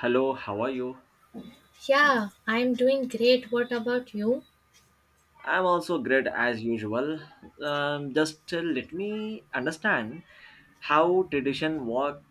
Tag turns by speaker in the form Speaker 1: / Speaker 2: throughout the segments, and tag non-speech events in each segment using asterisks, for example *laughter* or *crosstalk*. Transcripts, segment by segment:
Speaker 1: Hello, how are you?
Speaker 2: Yeah, I'm doing great. What about you?
Speaker 1: I'm also great as usual. Just Let me understand how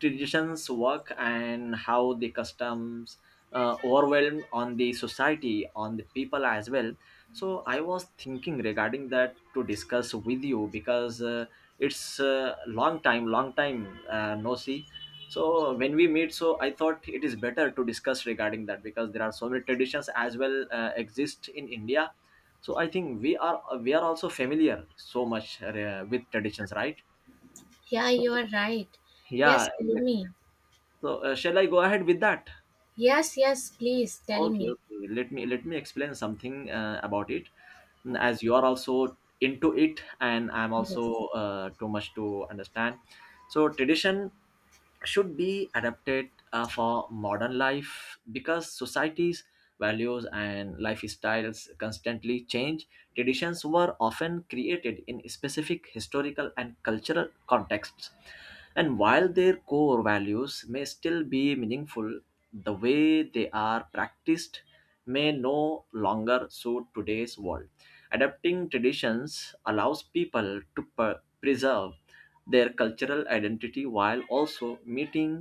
Speaker 1: traditions work, and how the customs overwhelm on the society, on the people as well. So I was thinking regarding that to discuss with you because it's a long time no see. So when we meet, so I thought it is better to discuss regarding that because there are so many traditions as well exist in India, so I think we are also familiar so much with traditions, right?
Speaker 2: Yeah,
Speaker 1: so,
Speaker 2: you are right. Yes,
Speaker 1: yeah,
Speaker 2: tell
Speaker 1: exactly.
Speaker 2: me.
Speaker 1: So shall I go ahead with that?
Speaker 2: Yes, yes, please tell
Speaker 1: okay
Speaker 2: me.
Speaker 1: okay Let me explain something about it. As you are also into it and I'm also
Speaker 2: Yes.
Speaker 1: too much to understand. So tradition should be adapted for modern life because society's values and lifestyles constantly change. Traditions were often created in specific historical and cultural contexts, and while their core values may still be meaningful, the way they are practiced may no longer suit today's world. Adapting traditions allows people to preserve their cultural identity while also meeting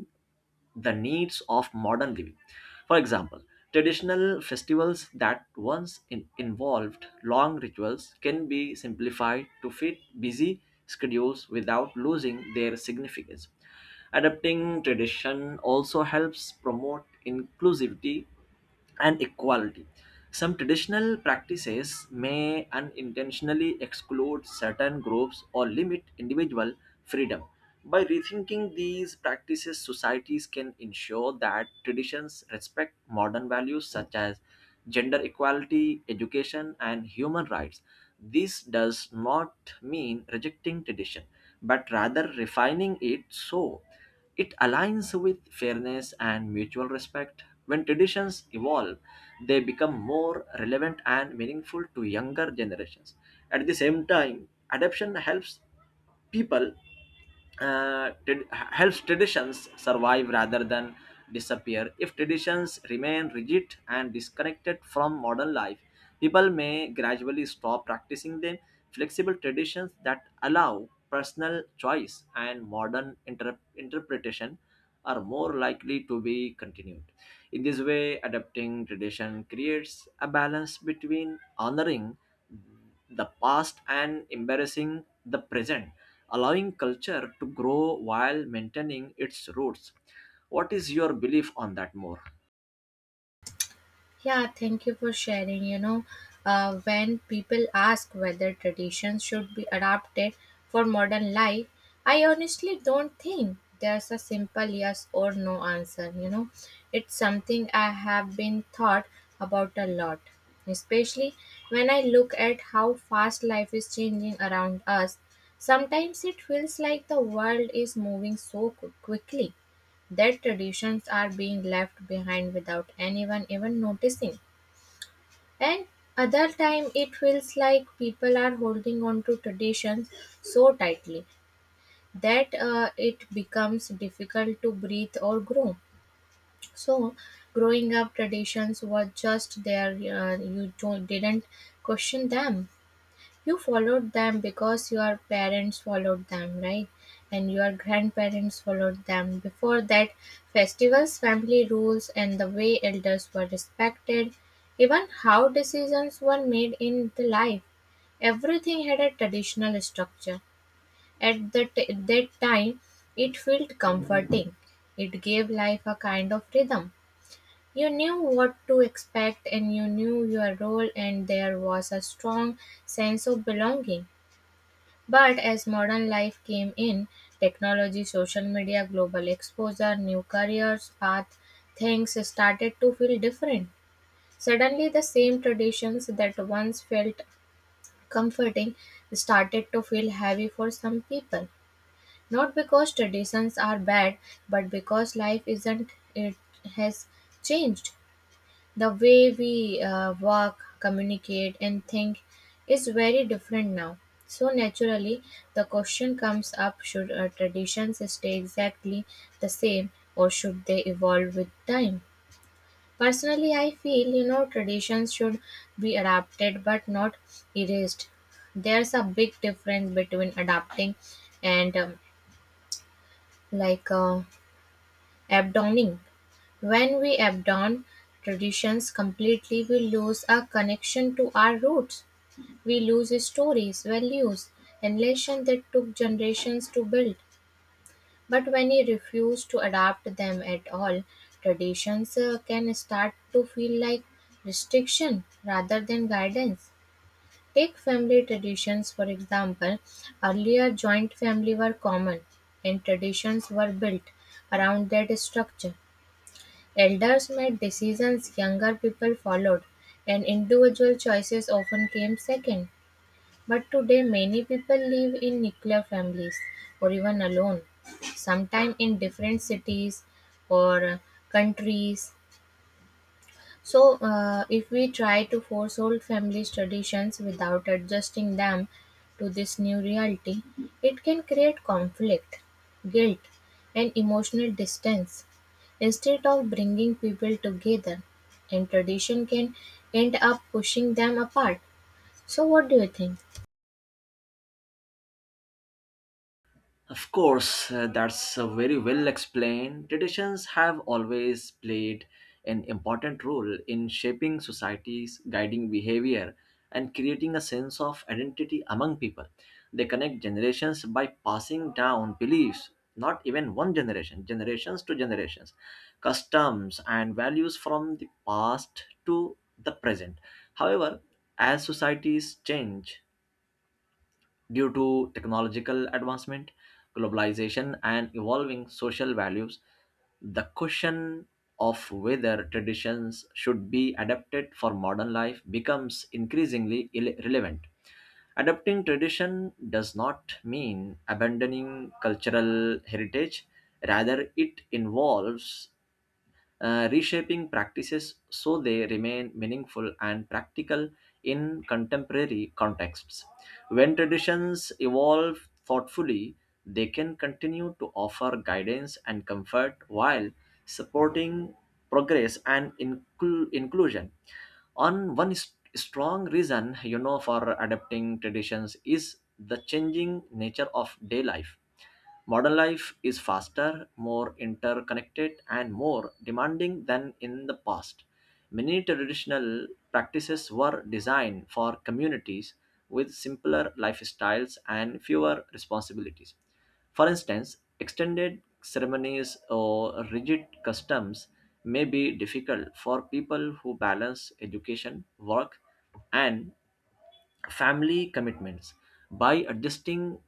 Speaker 1: the needs of modern living. For example, traditional festivals that once involved long rituals can be simplified to fit busy schedules without losing their significance. Adapting tradition also helps promote inclusivity and equality. Some traditional practices may unintentionally exclude certain groups or limit individuals freedom. By rethinking these practices, societies can ensure that traditions respect modern values such as gender equality, education, and human rights. This does not mean rejecting tradition, but rather refining it so it aligns with fairness and mutual respect. When traditions evolve, they become more relevant and meaningful to younger generations. At the same time, adoption helps people helps traditions survive rather than disappear. If traditions remain rigid and disconnected from modern life, people may gradually stop practicing them. Flexible traditions that allow personal choice and modern interpretation are more likely to be continued. In this way, adapting tradition creates a balance between honoring the past and embarrassing the present, allowing culture to grow while maintaining its roots. What is your belief on that more?
Speaker 2: Yeah, thank you for sharing. When people ask whether traditions should be adapted for modern life, I honestly don't think there's a simple yes or no answer. You know, it's something I have been thought about a lot, especially when I look at how fast life is changing around us. Sometimes it feels like the world is moving so quickly their traditions are being left behind without anyone even noticing. And other time it feels like people are holding on to traditions so tightly that it becomes difficult to breathe or grow. So growing up traditions were just there, you don't, didn't question them, you followed them because your parents followed them, right? And your grandparents followed them. Before that, festivals, family rules, and the way elders were respected, even how decisions were made in the life, everything had a traditional structure. At the that time, it felt comforting. It gave life a kind of rhythm. You knew what to expect and you knew your role, and there was a strong sense of belonging. But as modern life came in, technology, social media, global exposure, new careers, path, things started to feel different. Suddenly, the same traditions that once felt comforting started to feel heavy for some people. Not because traditions are bad, but because life isn't, it has changed. The way we walk, communicate, and think is very different now. So, naturally, the question comes up: should our traditions stay exactly the same or should they evolve with time? Personally, I feel you know traditions should be adapted but not erased. There's a big difference between adapting and like uh, Abdoning. When we abandon traditions completely, we lose our connection to our roots. We lose stories, values, and lessons that took generations to build. But when we refuse to adapt them at all, traditions can start to feel like restriction rather than guidance. Take family traditions, for example. Earlier, joint family were common and traditions were built around that structure. Elders made decisions younger people followed, and individual choices often came second. But today, many people live in nuclear families or even alone, sometimes in different cities or countries. So, if we try to force old family traditions without adjusting them to this new reality, it can create conflict, guilt, and emotional distance. Instead of bringing people together, and tradition can end up pushing them apart. So, what do you think?
Speaker 1: Of course, that's very well explained. Traditions have always played an important role in shaping societies, guiding behavior, and creating a sense of identity among people. They connect generations by passing down beliefs, not even generations to generations, customs and values from the past to the present. However, as societies change, due to technological advancement, globalization, and evolving social values, the question of whether traditions should be adapted for modern life becomes increasingly relevant. Adapting tradition does not mean abandoning cultural heritage, rather, it involves reshaping practices so they remain meaningful and practical in contemporary contexts. When traditions evolve thoughtfully, they can continue to offer guidance and comfort while supporting progress and inclusion. Strong reason, you know, for adapting traditions is the changing nature of day life. Modern life is faster, more interconnected, and more demanding than in the past. Many traditional practices were designed for communities with simpler lifestyles and fewer responsibilities. For instance, extended ceremonies or rigid customs may be difficult for people who balance education, work, and family commitments. By adjusting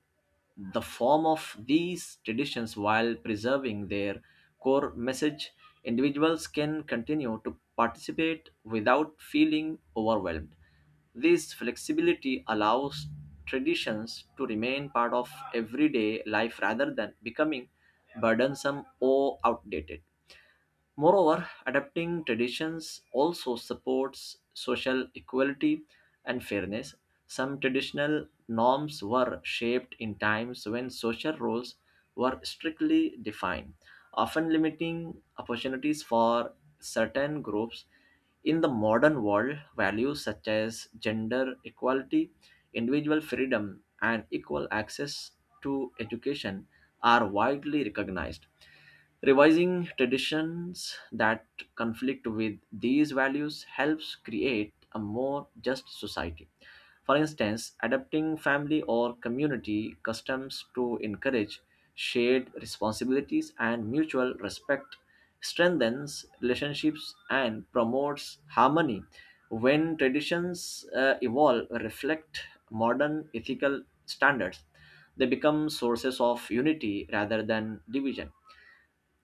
Speaker 1: the form of these traditions while preserving their core message, individuals can continue to participate without feeling overwhelmed. This flexibility allows traditions to remain part of everyday life rather than becoming burdensome or outdated. Moreover, adapting traditions also supports social equality and fairness. Some traditional norms were shaped in times when social roles were strictly defined, often limiting opportunities for certain groups. In the modern world, values such as gender equality, individual freedom, and equal access to education are widely recognized. Revising traditions that conflict with these values helps create a more just society. For instance, adapting family or community customs to encourage shared responsibilities and mutual respect strengthens relationships and promotes harmony. When traditions evolve reflect modern ethical standards, they become sources of unity rather than division.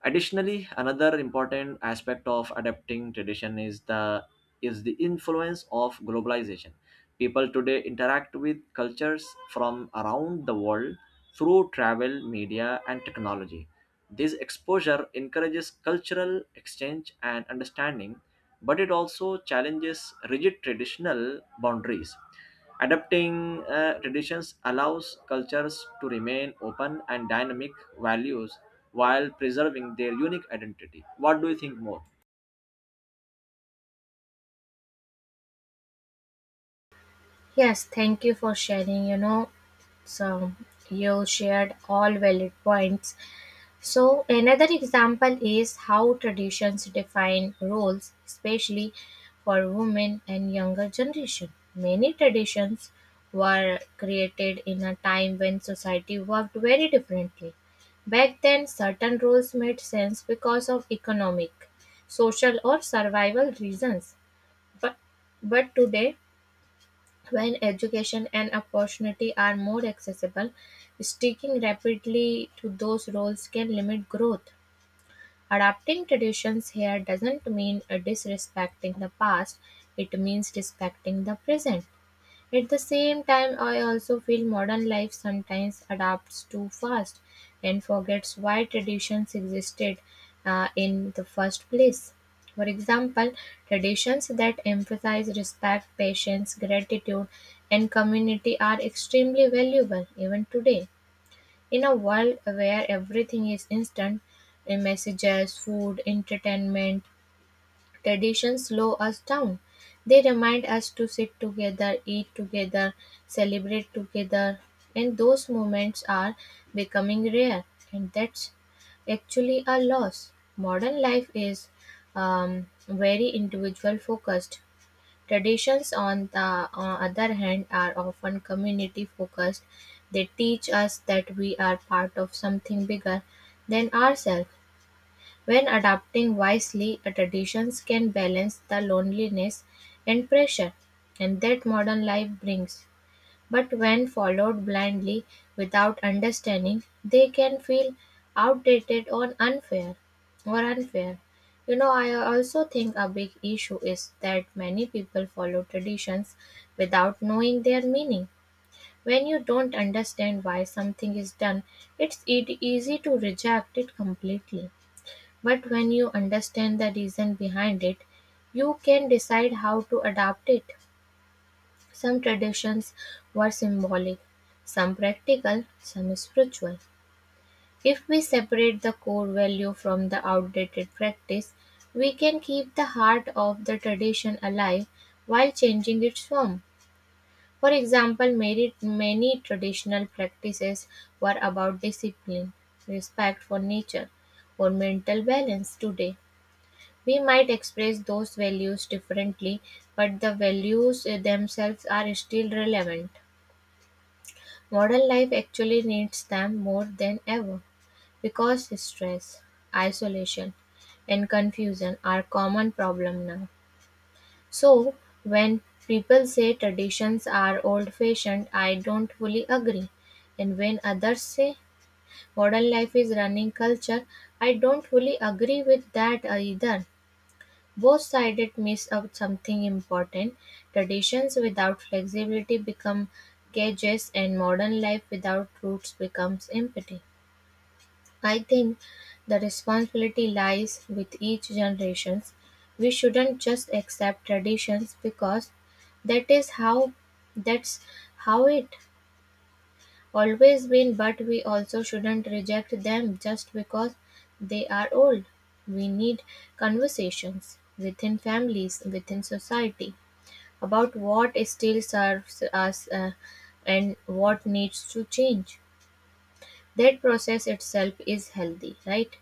Speaker 1: Additionally, another important aspect of adapting tradition is the influence of globalization. People today interact with cultures from around the world through travel, media, and technology. This exposure encourages cultural exchange and understanding, but it also challenges rigid traditional boundaries. Adapting traditions allows cultures to remain open and dynamic values while preserving their unique identity. What do you think more?
Speaker 2: Yes, thank you for sharing. You know, so you shared all valid points. So, another example is how traditions define roles, especially for women and younger generation. Many traditions were created in a time when society worked very differently. Back then, certain roles made sense because of economic, social, or survival reasons. But, but today, when education and opportunity are more accessible, sticking rapidly to those roles can limit growth. Adapting traditions here doesn't mean disrespecting the past, it means respecting the present. At the same time, I also feel modern life sometimes adapts too fast and forgets why traditions existed in the first place. For example, traditions that emphasize respect, patience, gratitude, and community are extremely valuable even today. In a world where everything is instant, in messages, food, entertainment, traditions slow us down. They remind us to sit together, eat together, celebrate together, and those moments are becoming rare, and that's actually a loss. Modern life is very individual focused. Traditions, on the other hand, are often community focused. They teach us that we are part of something bigger than ourselves. When adapting wisely, a tradition can balance the loneliness and pressure and that modern life brings. But when followed blindly without understanding, they can feel outdated or unfair. You know, I also think a big issue is that many people follow traditions without knowing their meaning. When you don't understand why something is done, it's easy to reject it completely. But when you understand the reason behind it, you can decide how to adapt it. Some traditions were symbolic, some practical, some spiritual. If we separate the core value from the outdated practice, we can keep the heart of the tradition alive while changing its form. For example, many traditional practices were about discipline, respect for nature, or mental balance today we might express those values differently, but the values themselves are still relevant. Modern life actually needs them more than ever because stress, isolation, and confusion are common problem now. So, when people say traditions are old fashioned, I don't fully agree. And when others say modern life is running culture, I don't fully agree with that either. Both sided miss out something important: traditions without flexibility become cages and modern life without roots becomes empty. I think the responsibility lies with each generation. We shouldn't just accept traditions because that is how that's how it always been, but we also shouldn't reject them just because they are old. We need conversations within families, within society about what still serves us and what needs to change. That process itself is healthy, right?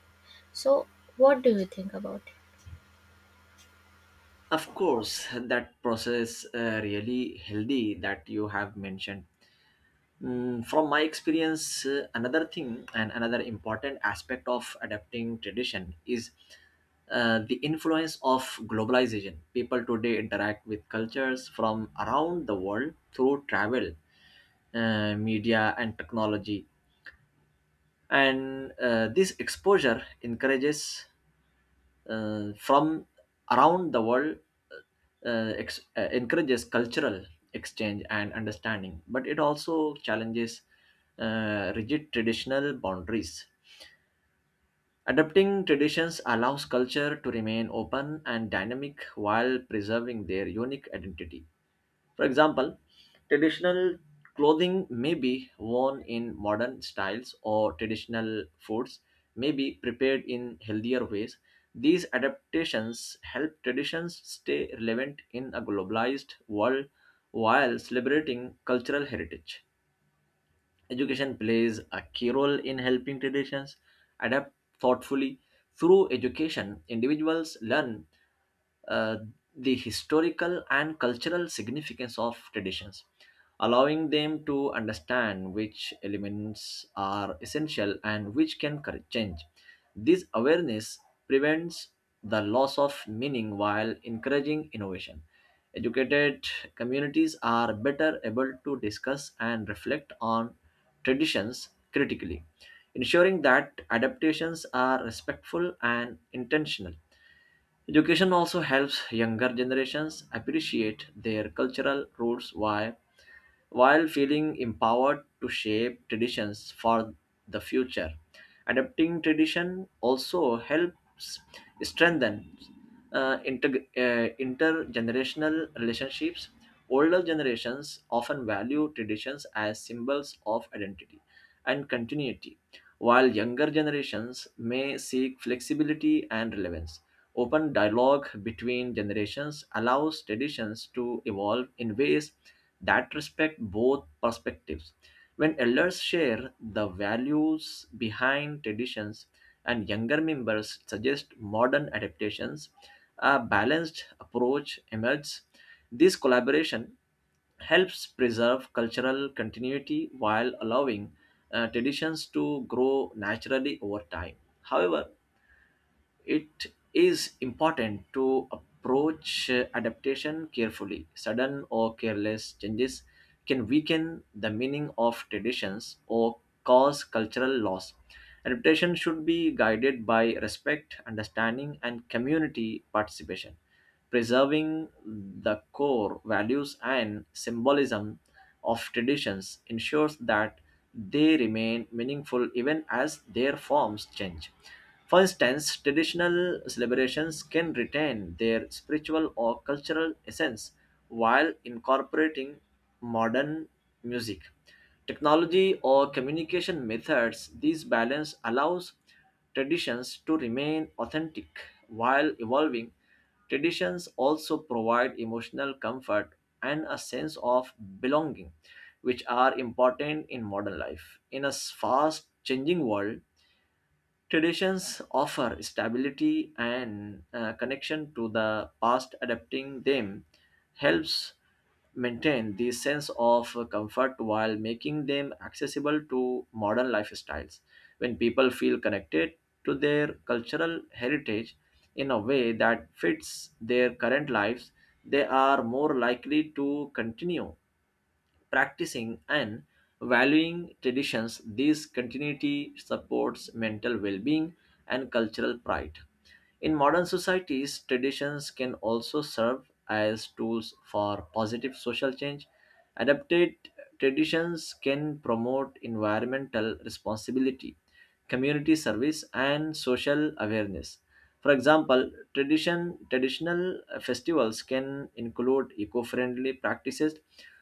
Speaker 2: So, what do you think about it?
Speaker 1: Of course, that process really healthy that you have mentioned. From my experience, another thing and another important aspect of adapting tradition is the influence of globalization. People today interact with cultures from around the world through travel, media, and technology. And this exposure encourages from around the world encourages cultural exchange and understanding, but it also challenges rigid traditional boundaries. Adapting traditions allows culture to remain open and dynamic while preserving their unique identity. For example, traditional clothing may be worn in modern styles, or traditional foods may be prepared in healthier ways. These adaptations help traditions stay relevant in a globalized world while celebrating cultural heritage. Education plays a key role in helping traditions adapt thoughtfully. Through education, individuals learn uh, the historical and cultural significance of traditions, allowing them to understand which elements are essential and which can change. This awareness prevents the loss of meaning while encouraging innovation. Educated communities are better able to discuss and reflect on traditions critically, ensuring that adaptations are respectful and intentional. Education also helps younger generations appreciate their cultural roots while feeling empowered to shape traditions for the future. Adapting tradition also helps strengthen intergenerational relationships. Older generations often value traditions as symbols of identity and continuity, while younger generations may seek flexibility and relevance. Open dialogue between generations allows traditions to evolve in ways that respect both perspectives. When elders share the values behind traditions and younger members suggest modern adaptations, a balanced approach emerges. This collaboration helps preserve cultural continuity while allowing traditions to grow naturally over time. However, it is important to approach adaptation carefully. Sudden or careless changes can weaken the meaning of traditions or cause cultural loss. Adaptation should be guided by respect, understanding, and community participation. Preserving the core values and symbolism of traditions ensures that they remain meaningful even as their forms change. For instance, traditional celebrations can retain their spiritual or cultural essence while incorporating modern music, technology, or communication methods. This balance allows traditions to remain authentic while evolving. Traditions also provide emotional comfort and a sense of belonging, which are important in modern life. In a fast changing world, traditions offer stability and connection to the past. Adapting them helps maintain this sense of comfort while making them accessible to modern lifestyles. When people feel connected to their cultural heritage in a way that fits their current lives, they are more likely to continue practicing and valuing traditions. This continuity supports mental well being and cultural pride. In modern societies, traditions can also serve as tools for positive social change. Adapted traditions can promote environmental responsibility, community service, and social awareness. For example, traditional festivals can include eco friendly practices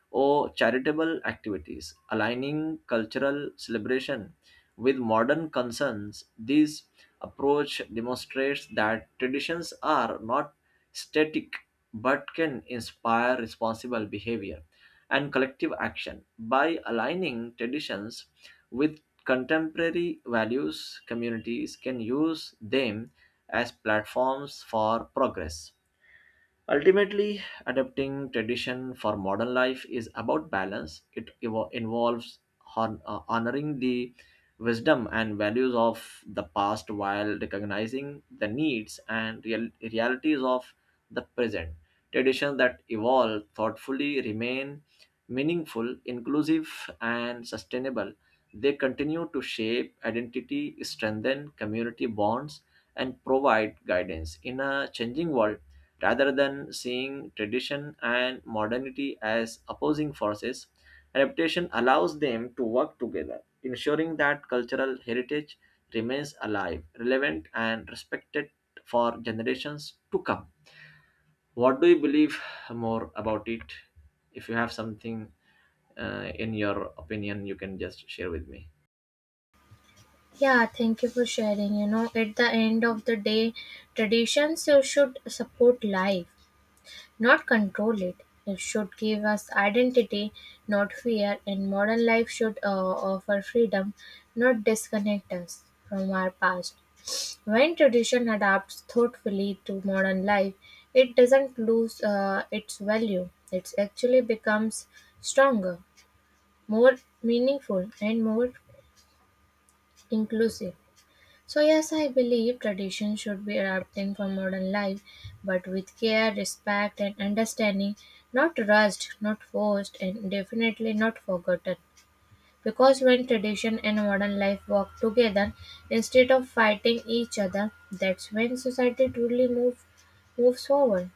Speaker 1: or charitable activities, aligning cultural celebration with modern concerns. This approach demonstrates that traditions are not static but can inspire responsible behavior and collective action. By aligning traditions with contemporary values, communities can use them as platforms for progress. Ultimately, adapting tradition for modern life is about balance. It involves honoring the wisdom and values of the past while recognizing the needs and realities of the present. Traditions that evolve thoughtfully remain meaningful, inclusive, and sustainable. They continue to shape identity, strengthen community bonds, and provide guidance in a changing world. Rather than seeing tradition and modernity as opposing forces, adaptation allows them to work together, ensuring that cultural heritage remains alive, relevant, and respected for generations to come. What do you believe more about it? If you have something in your opinion, you can just share with me.
Speaker 2: Yeah, thank you for sharing. You know, at the end of the day, traditions should support life not control it. It should give us identity, not fear, and modern life should offer freedom, not disconnect us from our past. When tradition adapts thoughtfully to modern life, it doesn't lose its value. It actually becomes stronger, more meaningful, and more inclusive. So, yes, I believe tradition should be adapting for modern life, but with care, respect, and understanding, not rushed, not forced, and definitely not forgotten. Because when tradition and modern life work together instead of fighting each other, that's when society moves forward.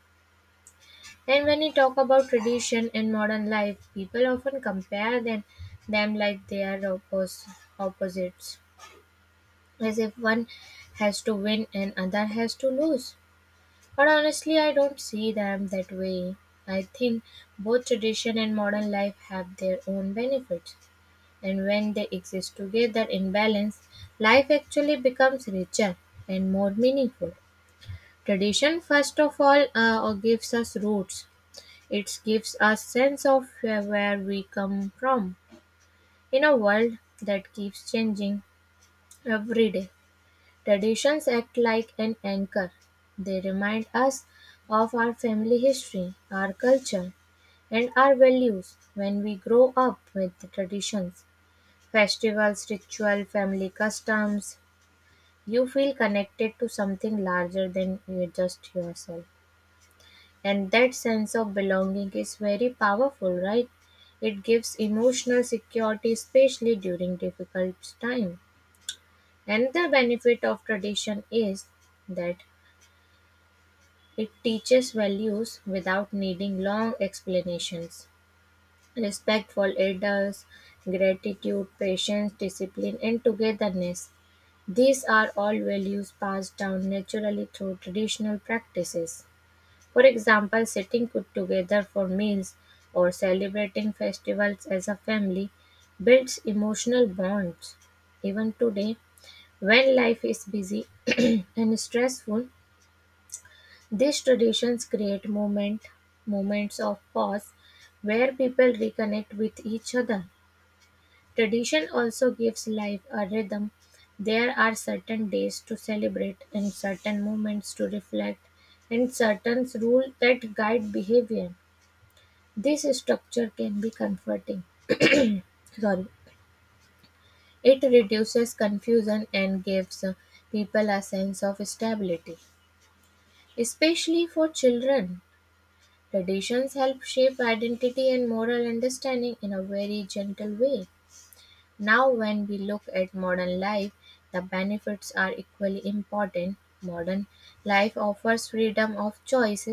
Speaker 2: And when we talk about tradition and modern life, people often compare them like they are opposites, as if one has to win and other has to lose. But honestly, I don't see them that way. I think both tradition and modern life have their own benefits, and when they exist together in balance, life actually becomes richer and more meaningful. Tradition, first of all, or gives us roots. It gives us sense of where we come from in a world that keeps changing every day. Traditions act like an anchor; they remind us of our family history, our culture, and our values. When we grow up with the traditions, festivals, ritual, family customs, you feel connected to something larger than you just yourself. And that sense of belonging is very powerful, right? It gives emotional security, especially during difficult times. Another benefit of tradition is that it teaches values without needing long explanations: respect for elders, gratitude, patience, discipline, and togetherness. These are all values passed down naturally through traditional practices. For example, sitting good together for meals or celebrating festivals as a family builds emotional bonds. Even today, when life is busy *clears throat* and stressful, these traditions create moments of pause where people reconnect with each other. Tradition also gives life a rhythm. There are certain days to celebrate and certain moments to reflect and certain rules that guide behavior. This structure can be comforting. Sorry. It reduces confusion and gives people a sense of stability, especially for children. Traditions help shape identity and moral understanding in a very gentle way. Now, when we look at modern life, the benefits are equally important. Modern life offers freedom of choice,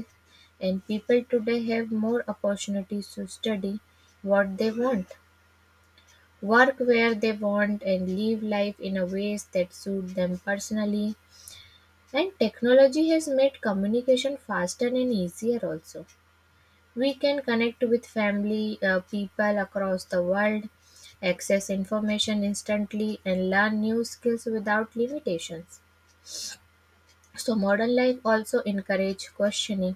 Speaker 2: and people today have more opportunities to study what they want, work where they want, and live life in a ways that suit them personally. And technology has made communication faster and easier also. We can connect with family, people across the world, access information instantly, and learn new skills without limitations. So modern life also encourage questioning,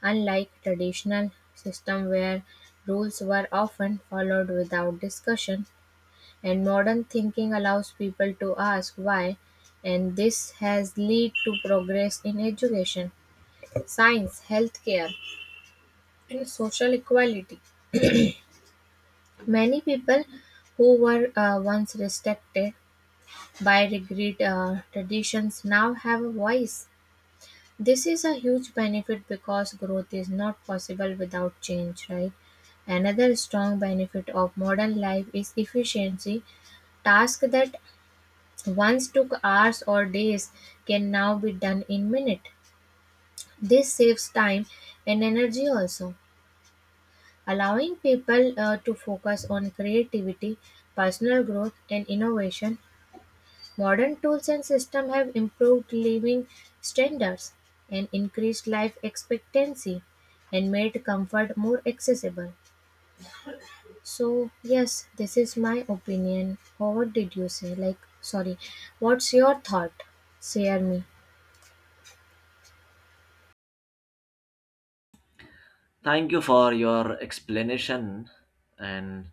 Speaker 2: unlike traditional system where rules were often followed without discussion. And modern thinking allows people to ask why, and this has led to progress in education, science, healthcare, and social equality. Many people who were once respected by rigid traditions now have a voice. This is a huge benefit because growth is not possible without change, right? Another strong benefit of modern life is efficiency. Tasks that once took hours or days can now be done in minutes. This saves time and energy also, allowing people to focus on creativity, personal growth, and innovation. Modern tools and systems have improved living standards and increased life expectancy and made comfort more accessible. So, yes, this is my opinion. Or what did you say? Like, sorry, what's your thought? Share me.
Speaker 1: Thank you for your explanation and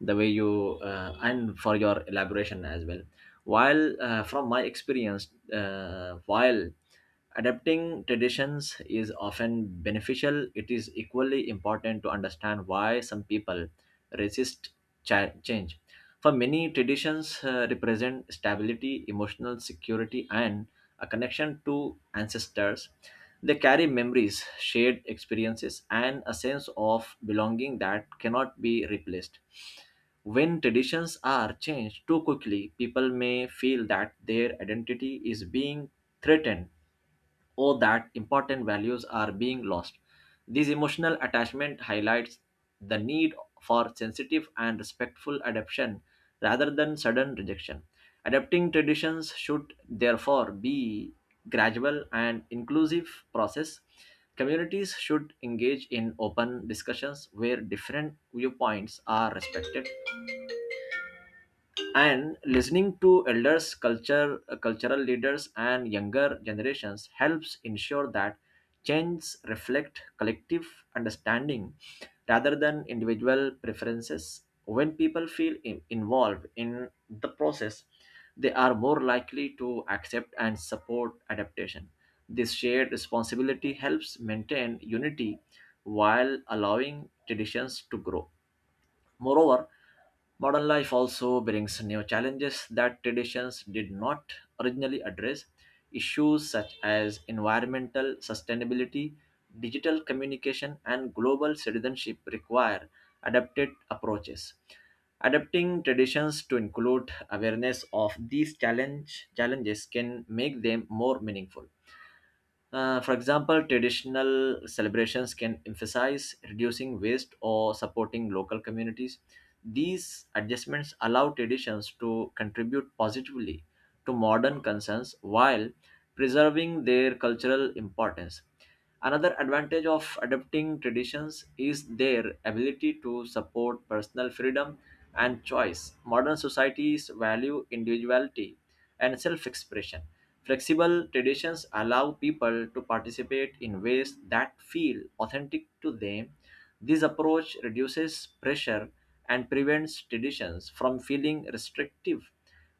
Speaker 1: the way you and for your elaboration as well. While From my experience, while adapting traditions is often beneficial, it is equally important to understand why some people resist change. For many, traditions represent stability, emotional security, and a connection to ancestors. They carry memories, shared experiences, and a sense of belonging that cannot be replaced. When traditions are changed too quickly, people may feel that their identity is being threatened or that important values are being lost. This emotional attachment highlights the need for sensitive and respectful adaptation rather than sudden rejection. Adapting traditions should therefore be gradual and inclusive process. Communities should engage in open discussions where different viewpoints are respected, and listening to elders culture cultural leaders and younger generations helps ensure that changes reflect collective understanding rather than individual preferences. When people feel involved in the process, they are more likely to accept and support adaptation. This shared responsibility helps maintain unity while allowing traditions to grow. Moreover, modern life also brings new challenges that traditions did not originally address. Issues such as environmental sustainability, digital communication, and global citizenship require adapted approaches. Adapting traditions to include awareness of these challenges can make them more meaningful. For example, traditional celebrations can emphasize reducing waste or supporting local communities. These adjustments allow traditions to contribute positively to modern concerns while preserving their cultural importance. Another advantage of adapting traditions is their ability to support personal freedom and choice. Modern societies value individuality and self expression. Flexible traditions allow people to participate in ways that feel authentic to them. This approach reduces pressure and prevents traditions from feeling restrictive.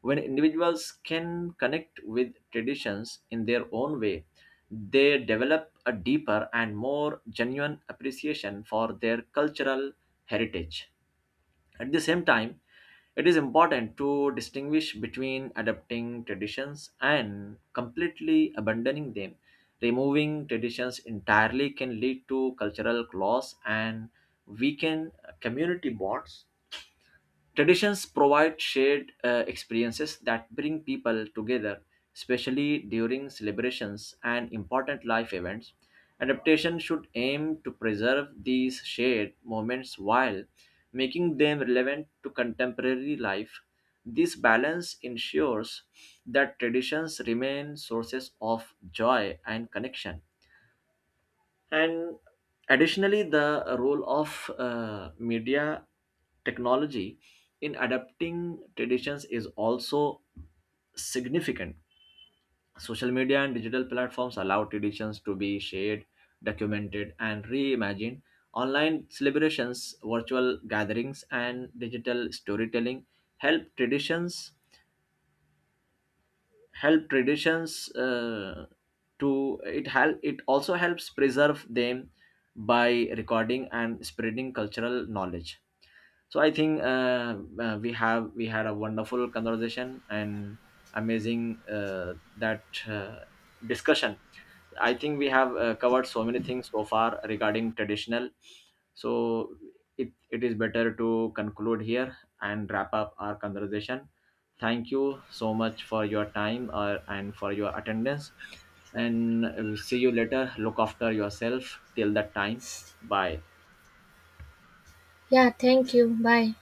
Speaker 1: When individuals can connect with traditions in their own way, they develop a deeper and more genuine appreciation for their cultural heritage. At the same time, it is important to distinguish between adopting traditions and completely abandoning them. Removing traditions entirely can lead to cultural loss and weaken community bonds. Traditions provide shared experiences that bring people together, especially during celebrations and important life events. Adaptation should aim to preserve these shared moments while making them relevant to contemporary life. This balance ensures that traditions remain sources of joy and connection. And additionally, the role of media technology in adapting traditions is also significant. Social media and digital platforms allow traditions to be shared, documented, and reimagined. Online celebrations, virtual gatherings, and digital storytelling help traditions help traditions to it help it also helps preserve them by recording and spreading cultural knowledge. So I think we had a wonderful conversation and amazing that discussion. I think we have covered so many things so far regarding traditional. So it is better to conclude here and wrap up our conversation. Thank you so much for your time and for your attendance. And we see you later. Look after yourself till that time. Bye.
Speaker 2: Yeah, thank you. Bye.